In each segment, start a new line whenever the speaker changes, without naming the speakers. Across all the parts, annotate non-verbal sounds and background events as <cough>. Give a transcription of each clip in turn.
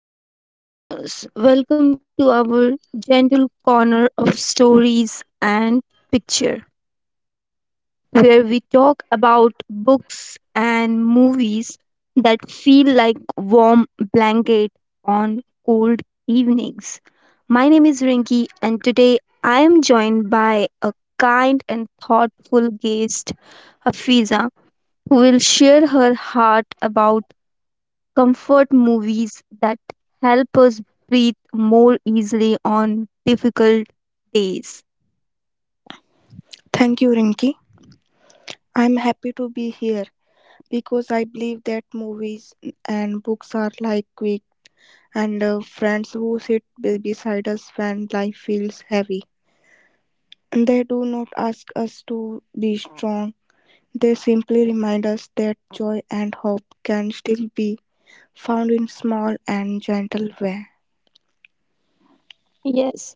Hello, dear listeners. Welcome to our gentle corner of stories and picture, where we talk about books and movies that feel like warm blanket on cold evenings. My name is Rinki, and today I am joined by a kind and thoughtful guest, Hafiza, who will share her heart about comfort movies that help us breathe more easily on difficult days.
Thank you, Rinki. I'm happy to be here because I believe that movies and books are like quick and friends who sit beside us when life feels heavy. They do not ask us to be strong, they simply remind us that joy and hope can still be found in small and gentle way.
Yes,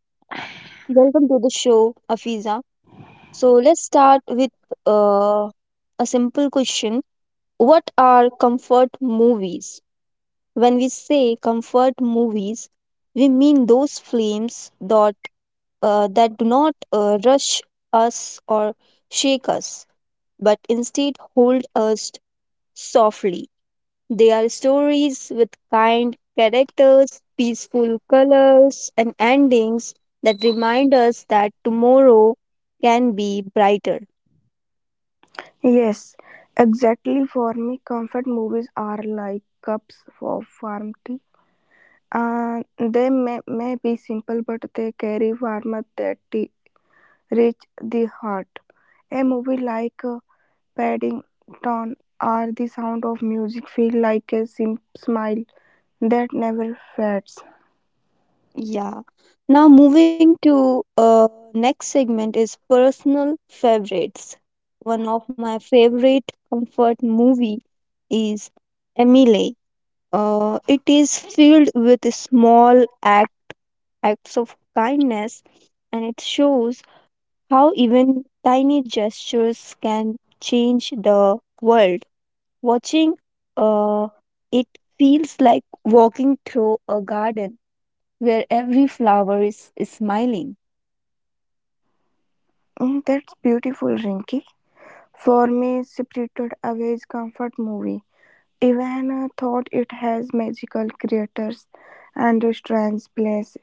welcome to the show, Afiza. So let's start with uh, a simple question. What are comfort movies? When we say comfort movies, we mean those films that do not rush us or shake us, but instead hold us softly. They are stories with kind characters, peaceful colors, and endings that remind us that tomorrow can be brighter.
Yes, exactly, for me, comfort movies are like cups of warmth. They may be simple, but they carry warmth that reach the heart. A movie like Paddington or The Sound of Music feel like a smile that never fades.
Yeah. Now moving to next segment is personal favorites. One of my favorite comfort movie is Emily. It is filled with acts of kindness, and it shows how even tiny gestures can change the world. Watching uh, it feels like walking through a garden where every flower is smiling.
Mm, that's beautiful, Rinky. For me, Spirited Away is comfort movie. Even thought it has magical creatures and strange place.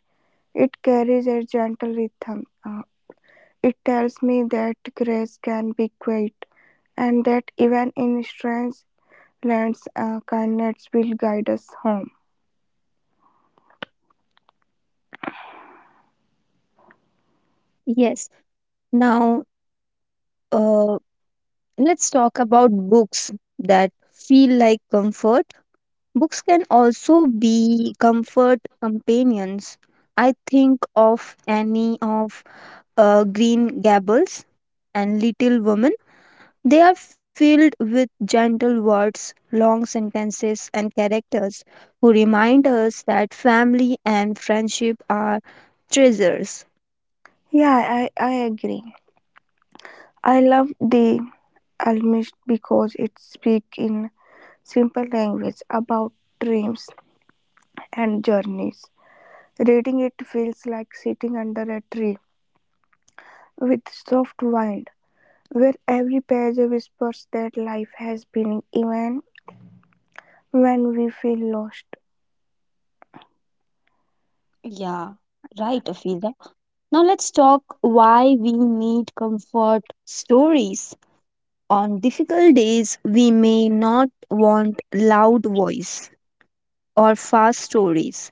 It carries a gentle rhythm. It tells me that grace can be quiet, and that even in strange lands, kindness will guide us home.
Yes, now uh, let's talk about books that feel like comfort. Books can also be comfort companions. I think of Annie of Green Gables and Little Women. They are filled with gentle words, long sentences, and characters who remind us that family and friendship are treasures.
Yeah, I agree. I love the Almist because it speaks in simple language about dreams and journeys. Reading it feels like sitting under a tree with soft wind, where every page whispers that life has meaning even when we feel lost.
Yeah, right, Afiza. Now let's talk why we need comfort stories. On difficult days, we may not want loud voice or fast stories.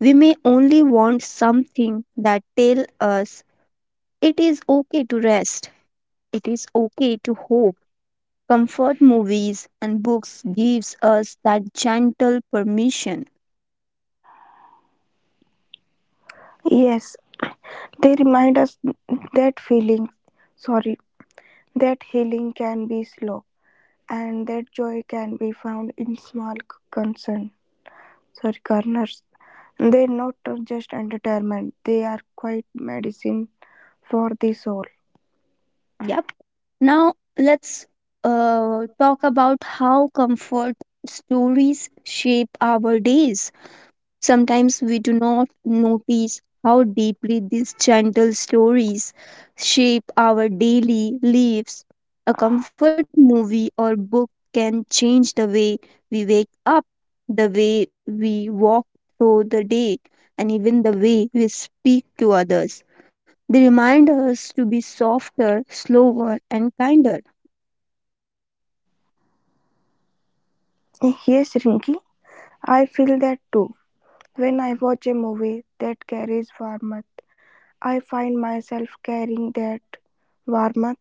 We may only want something that tell us it is okay to rest. It is okay to hope. Comfort movies and books gives us that gentle permission.
Yes, they remind us that sorry, that healing can be slow and that joy can be found in small corners. They're not just entertainment, they are quite medicine for the soul.
Yep. Now let's talk about how comfort stories shape our days. Sometimes we do not notice how deeply these gentle stories shape our daily lives. A comfort movie or book can change the way we wake up, the way we walk through the day, and even the way we speak to others. They remind us to be softer, slower, and kinder.
Yes, Rinky, I feel that too. When I watch a movie that carries warmth, I find myself carrying that warmth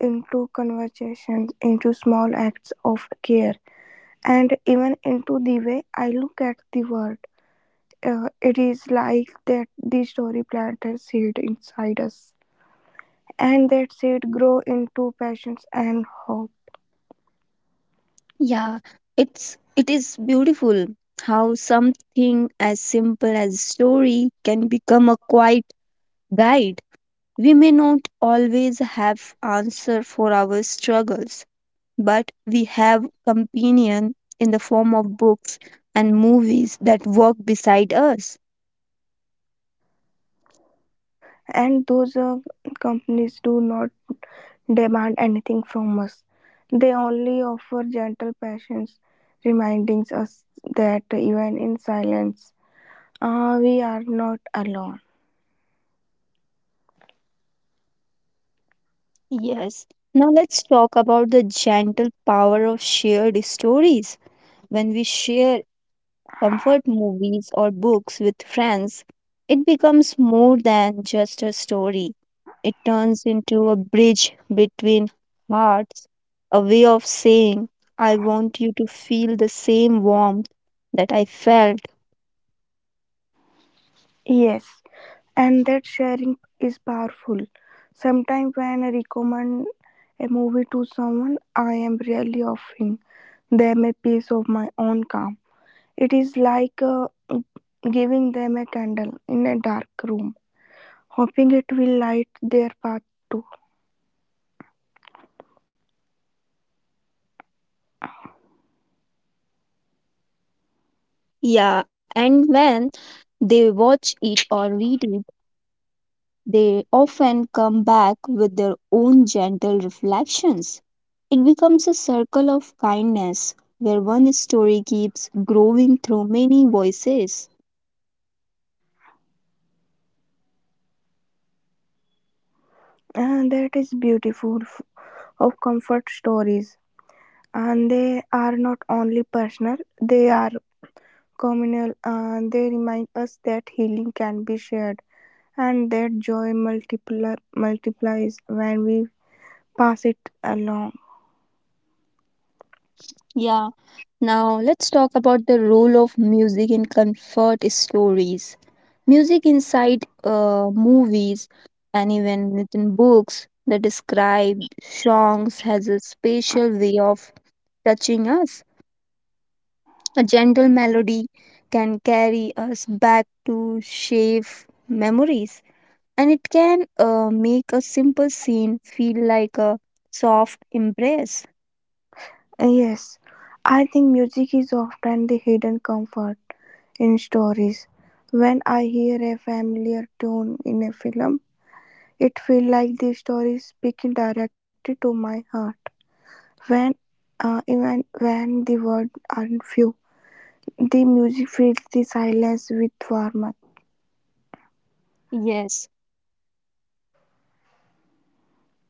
into conversations, into small acts of care. And even into the way I look at the world, it is like that the story planted seed inside us, and that seed grow into passions and hope.
Yeah, it is beautiful how something as simple as story can become a quiet guide. We may not always have answer for our struggles, but we have companion in the form of books and movies that walk beside us.
And those companies do not demand anything from us; they only offer gentle passions, reminding us that even in silence, we are not alone.
Yes. Now let's talk about the gentle power of shared stories. When we share comfort movies or books with friends, it becomes more than just a story. It turns into a bridge between hearts, a way of saying, I want you to feel the same warmth that I felt.
Yes, and that sharing is powerful. Sometimes when I recommend a movie to someone, I am really offering them a piece of my own calm. It is like giving them a candle in a dark room, hoping it will light their path too.
Yeah, and when they watch it or read, they often come back with their own gentle reflections. It becomes a circle of kindness where one story keeps growing through many voices.
And that is beautiful of comfort stories, and they are not only personal, they are communal, and they remind us that healing can be shared and that multiplies when we pass it along.
Yeah, now let's talk about the role of music in comfort stories. Music inside movies and even within books that describe songs has a special way of touching us. A gentle melody can carry us back to safe memories, and it can make a simple scene feel like a soft embrace.
Yes, I think music is often the hidden comfort in stories. When I hear a familiar tune in a film, it feels like the story is speaking directly to my heart. When Even when the words aren't few, the music fills the silence with warmth.
Yes,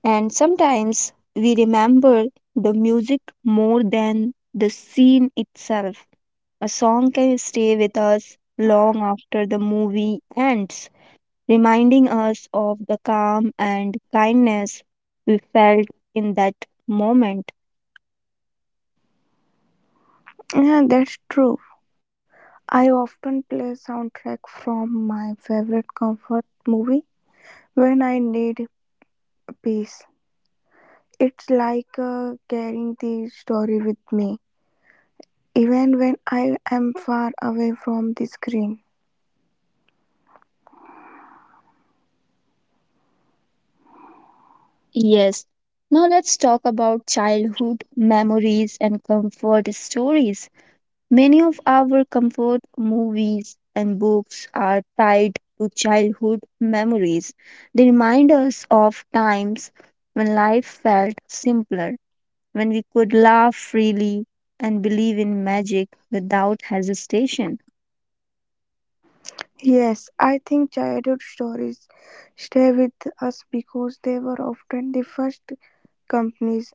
and sometimes we remember the music more than the scene itself. A song can stay with us long after the movie ends, reminding us of the calm and kindness we felt in that moment.
Yeah, that's true. I often play soundtrack from my favorite comfort movie when I need peace. It's like carrying the story with me, even when I am far away from the screen.
Yes. Now let's talk about childhood memories and comfort stories. Many of our comfort movies and books are tied to childhood memories. They remind us of times when life felt simpler, when we could laugh freely and believe in magic without hesitation.
Yes, I think childhood stories stay with us because they were often the first companies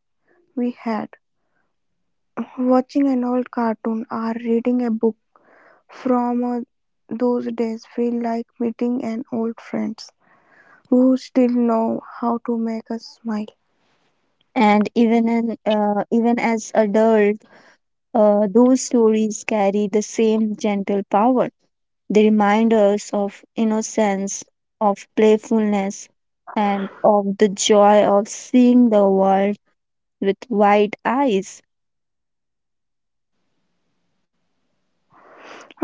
we had. Watching an old cartoon or reading a book from those days feel like meeting an old friend who still know how to make us smile.
And even as adult, those stories carry the same gentle power. They remind us of innocence, of playfulness, and of the joy of seeing the world with wide eyes.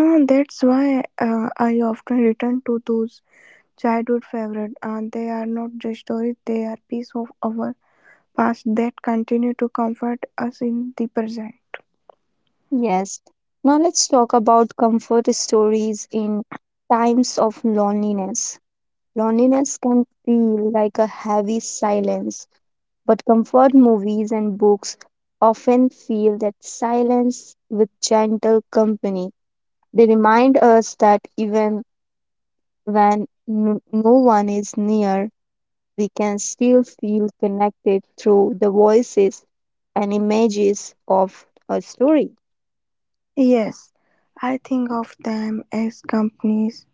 Ah, that's why I often return to those childhood favorites. And they are not just stories, they are pieces of our past that continue to comfort us in the present.
Yes, now let's talk about comfort stories in times of loneliness. Loneliness can feel like a heavy silence, but comfort movies and books often feel that silence with gentle company. They remind us that even when no one is near, we can still feel connected through the voices and images of a story.
Yes, I think of them as companies,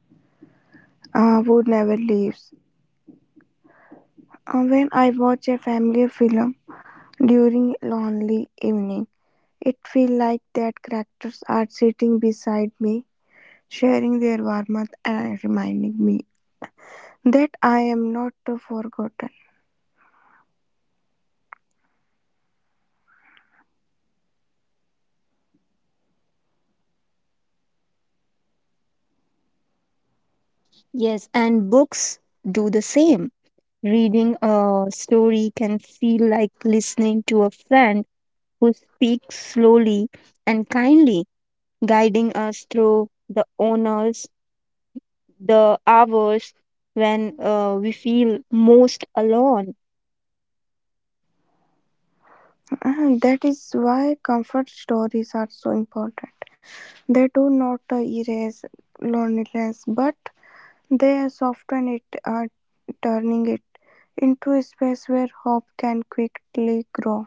who never leaves. When I watch a family film during lonely evening, it feels like that characters are sitting beside me, sharing their warmth and reminding me that I am not forgotten.
Yes, and books do the same. Reading a story can feel like listening to a friend who speaks slowly and kindly, guiding us through the honors, the hours when we feel most alone.
And that is why comfort stories are so important. They do not erase loneliness, but they soften it, turning it into a space where hope can quickly grow.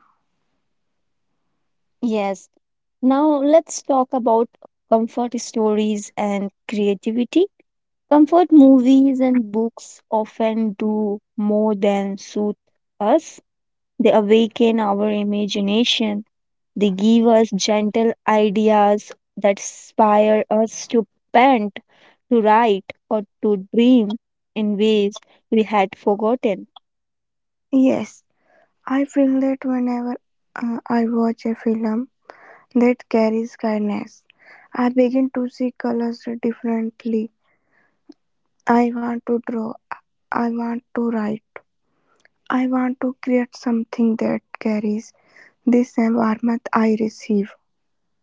Yes. Now let's talk about comfort stories and creativity. Comfort movies and books often do more than soothe us. They awaken our imagination. They give us gentle ideas that inspire us to paint, to write, or to dream in ways we had forgotten.
Yes, I feel that whenever I watch a film that carries kindness, I begin to see colors differently. I want to draw, I want to write, I want to create something that carries the same warmth I receive.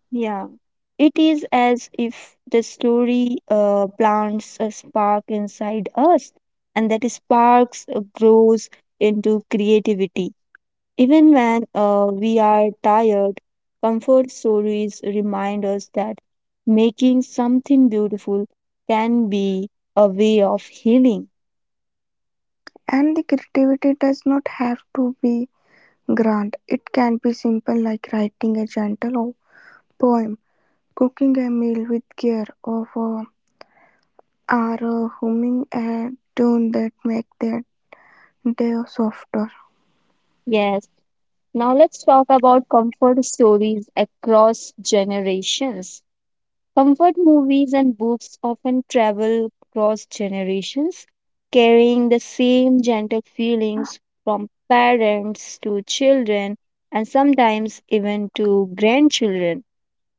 Yeah, it is as if the story plants a spark inside us, and that sparks grows into creativity. Even when we are tired, comfort stories remind us that making something beautiful can be a way of healing.
And the creativity does not have to be grand. It can be simple, like writing a gentle poem, cooking a meal with care, or humming a tune that makes the day softer.
Yes. Now let's talk about comfort stories across generations. Comfort movies and books often travel across generations, carrying the same gentle feelings from parents to children and sometimes even to grandchildren.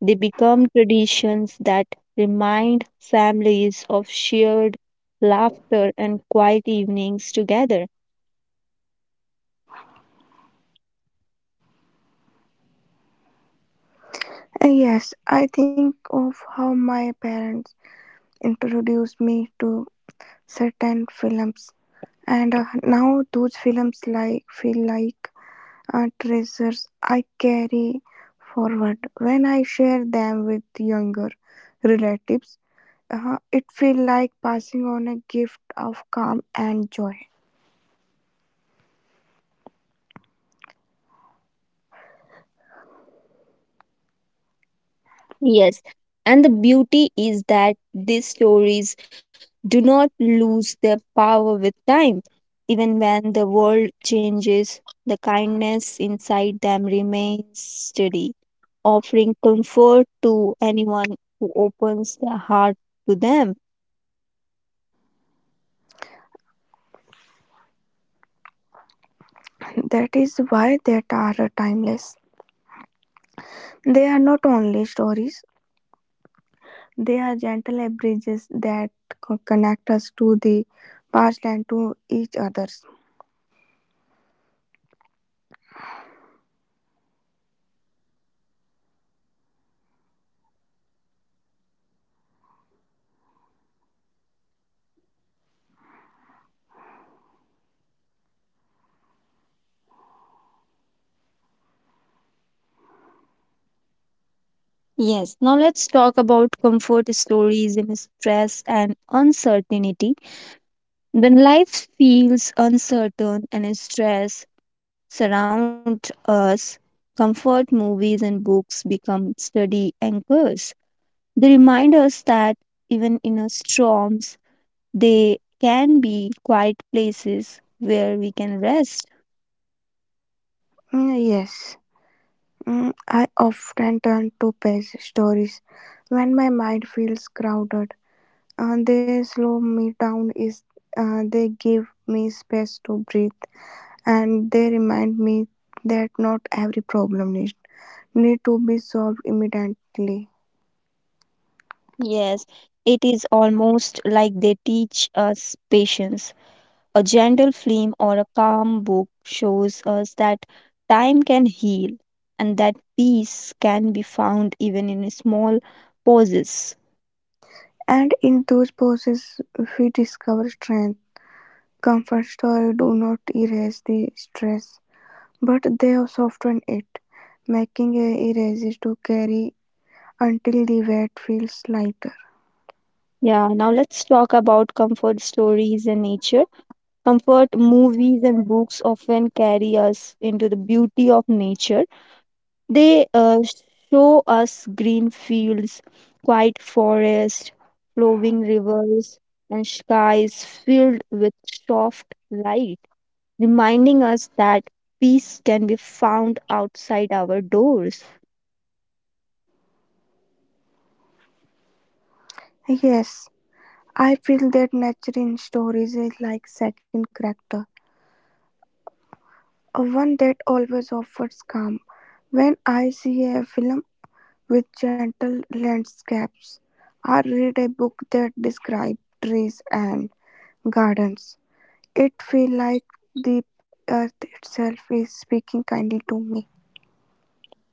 They become traditions that remind families of shared laughter and quiet evenings together.
And yes, I think of how my parents introduced me to certain films, and now those films like feel like treasures I carry forward when I share them with younger relatives. It feels like passing on a gift of calm and joy.
Yes, and the beauty is that these stories do not lose their power with time. Even when the world changes, the kindness inside them remains steady, offering comfort to anyone who opens their heart to them.
<laughs> That is why they are timeless. They are not only stories; they are gentle bridges that connect us to the past and to each others.
Yes, now let's talk about comfort stories in stress and uncertainty. When life feels uncertain and stress surround us, comfort movies and books become steady anchors. They remind us that even in our storms, they can be quiet places where we can rest.
Mm, yes. Mm, I often turn to page stories when my mind feels crowded. They slow me down. Is They give me space to breathe, and they remind me that not every problem need to be solved immediately.
Yes, it is almost like they teach us patience. A gentle flame or a calm book shows us that time can heal and that peace can be found even in small pauses.
And in those pauses, we discover strength. Comfort stories do not erase the stress, but they soften it, making it easier to carry until the wet feels lighter.
Yeah, now let's talk about comfort stories and nature. Comfort movies and books often carry us into the beauty of nature. They show us green fields, quiet forests, flowing rivers, and skies filled with soft light, reminding us that peace can be found outside our doors.
Yes, I feel that nature in stories is like second character, a one that always offers calm. When I see a film with gentle landscapes, or read a book that describes trees and gardens, it feels like the earth itself is speaking kindly to me.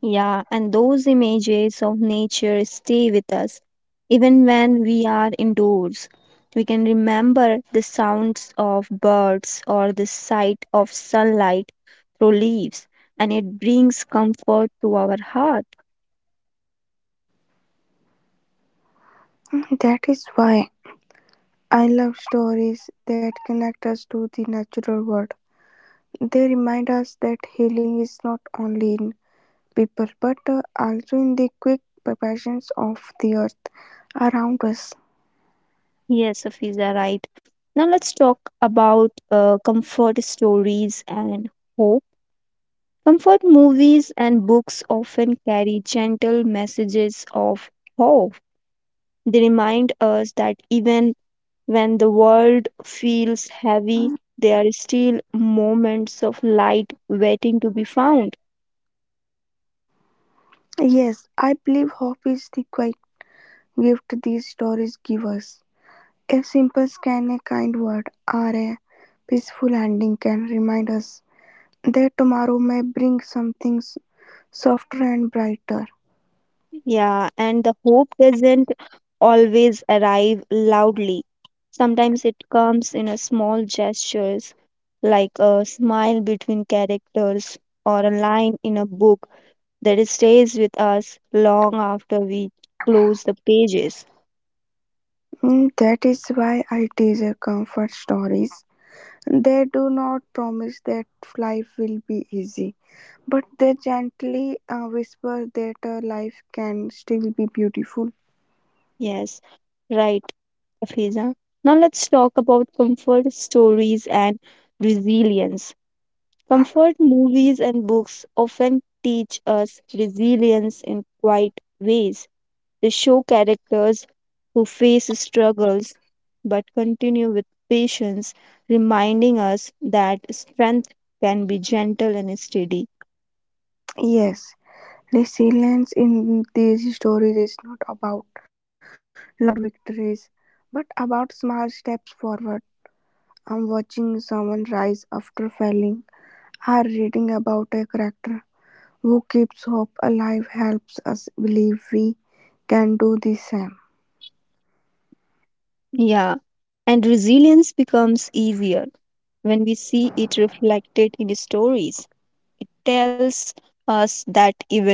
Yeah, and those images of nature stay with us even when we are indoors. We can remember the sounds of birds or the sight of sunlight through leaves, and it brings comfort to our heart.
That is why I love stories that connect us to the natural world. They remind us that healing is not only in people, but also in the quick passions of the earth around us.
Yes, Afiza, right. Now let's talk about comfort stories and hope. Comfort movies and books often carry gentle messages of hope. They remind us that even when the world feels heavy, there are still moments of light waiting to be found.
Yes, I believe hope is the quiet gift these stories give us. A simple scan, a kind word, or a peaceful ending can remind us that tomorrow may bring something softer and brighter.
Yeah, and the hope doesn't always arrive loudly. Sometimes it comes in a small gestures like a smile between characters or a line in a book that it stays with us long after we close the pages.
Mm, that is why I tease a comfort stories. They do not promise that life will be easy, but they gently whisper that life can still be beautiful.
Yes, right, Hafiza. Now let's talk about comfort stories and resilience. Comfort movies and books often teach us resilience in quiet ways. They show characters who face struggles but continue with patience, reminding us that strength can be gentle and steady.
Yes, resilience in these stories is not about loud victories, but about small steps forward. I'm watching someone rise after falling, or reading about a character who keeps hope alive helps us believe we can do the same.
Yeah, and resilience becomes easier when we see it reflected in stories. It tells us that even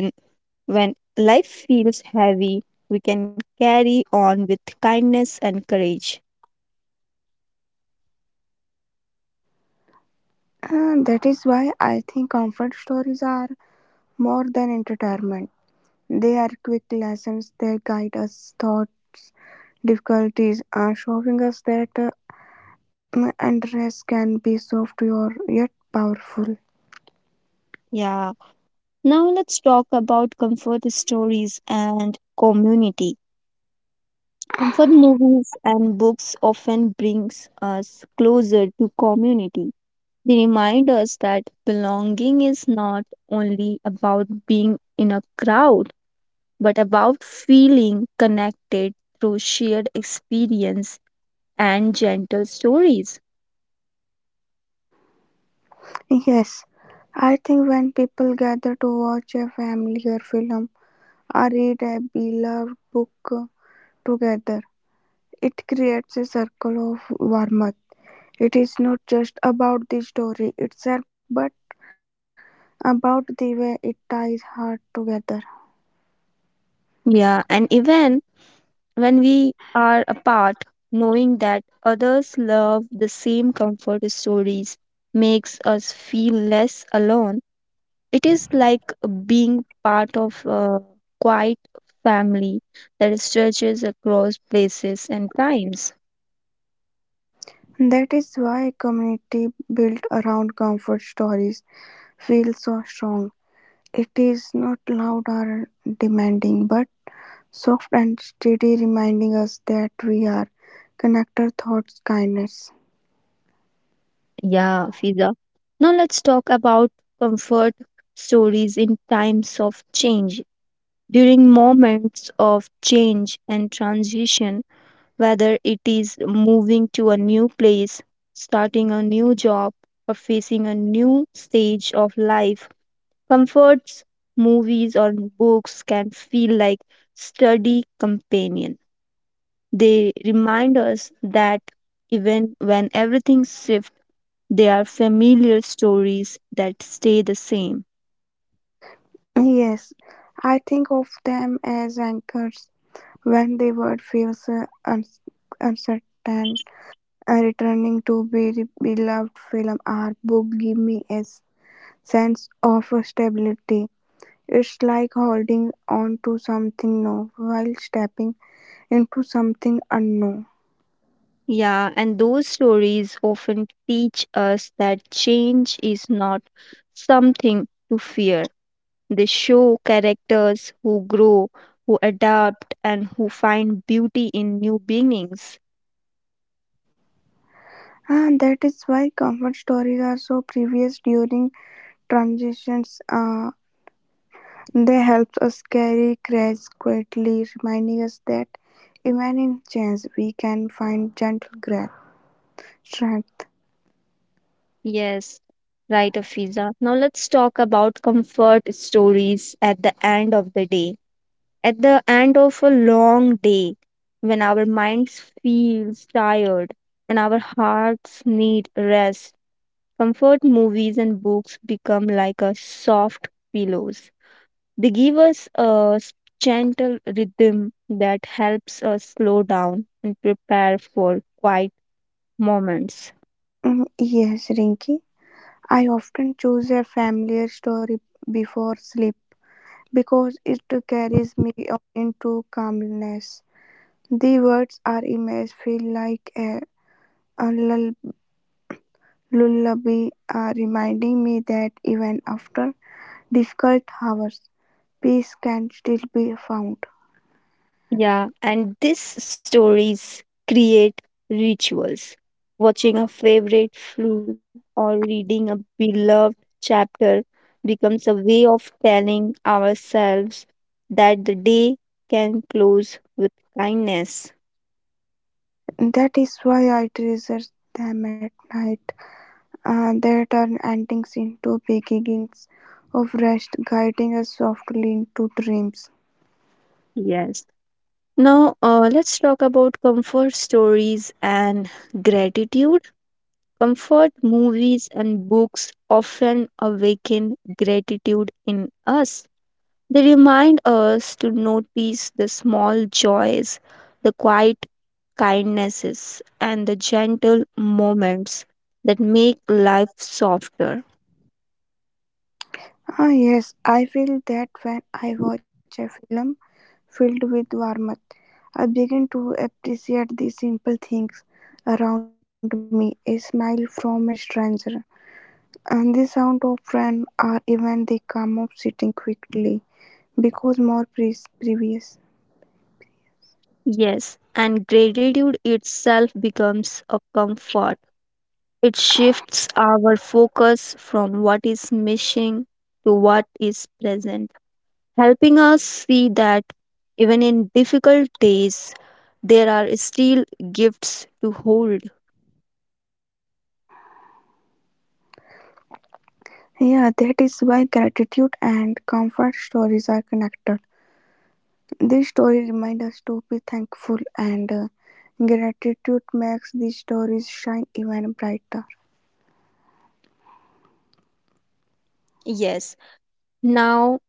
when life feels heavy, we can carry on with kindness and courage.
And that is why I think comfort stories are more than entertainment. They are quick lessons that guide us Thoughts, difficulties, are showing us that endurance can be soft or yet powerful.
Yeah, now let's talk about comfort stories and community. Comfort movies and books often brings us closer to community. They remind us that belonging is not only about being in a crowd, but about feeling connected through shared experience and gentle stories.
Yes, I think when people gather to watch a familiar film or read a beloved book together, it creates a circle of warmth. It is not just about the story itself, but about the way it ties heart together.
Yeah, and even when we are apart, knowing that others love the same comfort stories makes us feel less alone. It is like being part of a quiet family that stretches across places and times.
That is why community built around comfort stories feels so strong. It is not loud or demanding, but soft and steady, reminding us that we are connected thoughts kindness.
Yeah, Fiza. Now let's talk about comfort stories in times of change. During moments of change and transition, whether it is moving to a new place, starting a new job, or facing a new stage of life, comforts, movies, or books can feel like study companion. They remind us that even when everything shifts, they are familiar stories that stay the same.
Yes, I think of them as anchors when the world feels uncertain. Returning to be beloved film or book give me a sense of stability. It's like holding on to something new while stepping into something unknown.
Yeah, and those stories often teach us that change is not something to fear. They show characters who grow, who adapt, and who find beauty in new beginnings.
And that is why comfort stories are so previous during transitions. They help us carry courage quietly, reminding us that even in change, we can find strength.
Yes, right, Afiza. Now let's talk about comfort stories at the end of the day. At the end of a long day, when our minds feels tired and our hearts need rest, comfort movies and books become like a soft pillows. They give us a gentle rhythm that helps us slow down and prepare for quiet moments.
Mm, yes, Rinky. I often choose a familiar story before sleep because it carries me into calmness. The words or image feel like a lullaby, reminding me that even after difficult hours, peace can still be found.
Yeah, and these stories create rituals. Watching a favorite film or reading a beloved chapter becomes a way of telling ourselves that the day can close with kindness.
That is why I treasure them at night. They turn endings into beginnings of rest, guiding us softly into dreams.
Yes. Now, let's talk about comfort stories and gratitude. Comfort movies and books often awaken gratitude in us. They remind us to notice the small joys, the quiet kindnesses, and the gentle moments that make life softer.
Ah, yes, I feel that when I watch a film filled with warmth, I begin to appreciate the simple things around me, a smile from a stranger, and the sound of rain, or even the calm of sitting quickly because more previous.
Yes, and gratitude itself becomes a comfort. It shifts our focus from what is missing to what is present, helping us see that even in difficult days, there are still gifts to hold.
Yeah, that is why gratitude and comfort stories are connected. These stories remind us to be thankful, and gratitude makes these stories shine even brighter.
Yes, now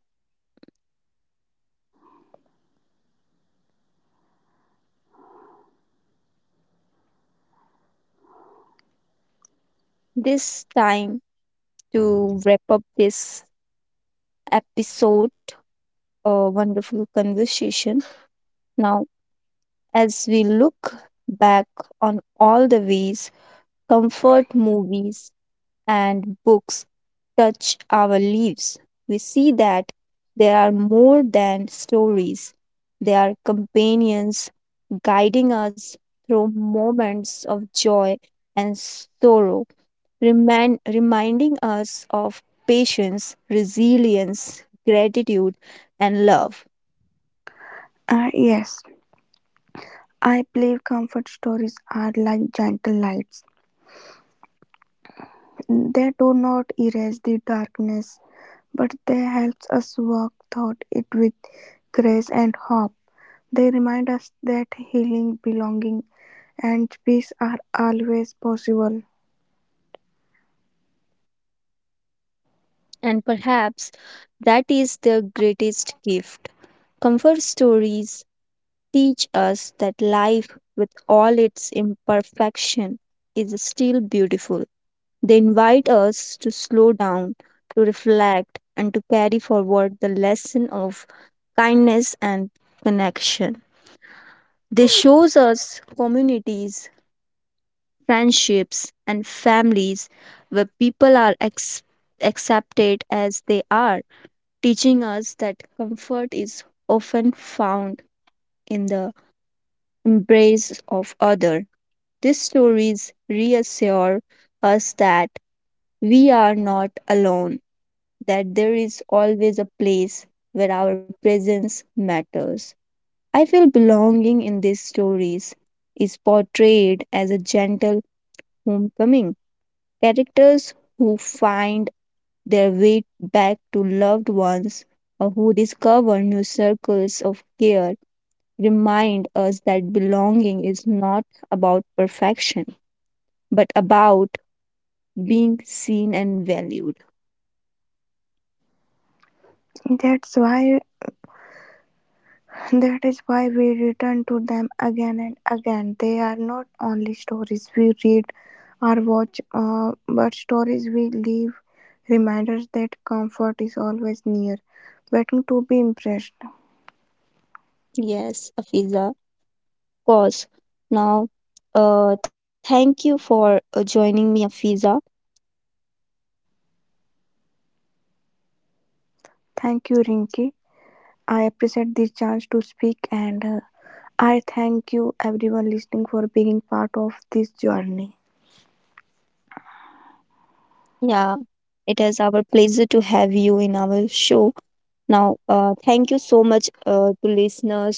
this time to wrap up this episode, a wonderful conversation. Now, as we look back on all the ways comfort movies and books touch our lives, we see that they are more than stories. They are companions guiding us through moments of joy and sorrow, reminding us of patience, resilience, gratitude, and love.
Yes, I believe comfort stories are like gentle lights. They do not erase the darkness, but they help us walk through it with grace and hope. They remind us that healing, belonging, and peace are always possible.
And perhaps that is their greatest gift. Comfort stories teach us that life, with all its imperfection, is still beautiful. They invite us to slow down, to reflect, and to carry forward the lesson of kindness and connection. They shows us communities, friendships, and families where people are accepted as they are, teaching us that comfort is often found in the embrace of other. These stories reassure us that we are not alone, that there is always a place where our presence matters. I feel belonging in these stories is portrayed as a gentle homecoming. Characters who find their way back to loved ones or who discover new circles of care remind us that belonging is not about perfection but about being seen and valued.
That's why That is why we return to them again and again. They are not only stories we read or watch, but stories we live, reminders that comfort is always near, waiting to be impressed.
Yes, Afiza, of course. Now, thank you for joining me, Afiza.
Thank you, Rinki. I appreciate this chance to speak, and I thank you, everyone listening, for being part of this journey.
Yeah, it is our pleasure to have you in our show. Now, thank you so much to listeners who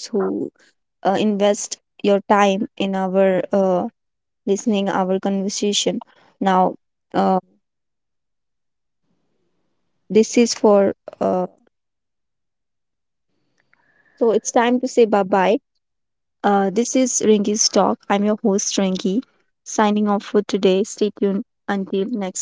invest your time in our listening our conversation. Now, uh, this is for so it's time to say bye bye. This is Rinky's Talk. I'm your host, Rinky, signing off for today. Stay tuned until next episode.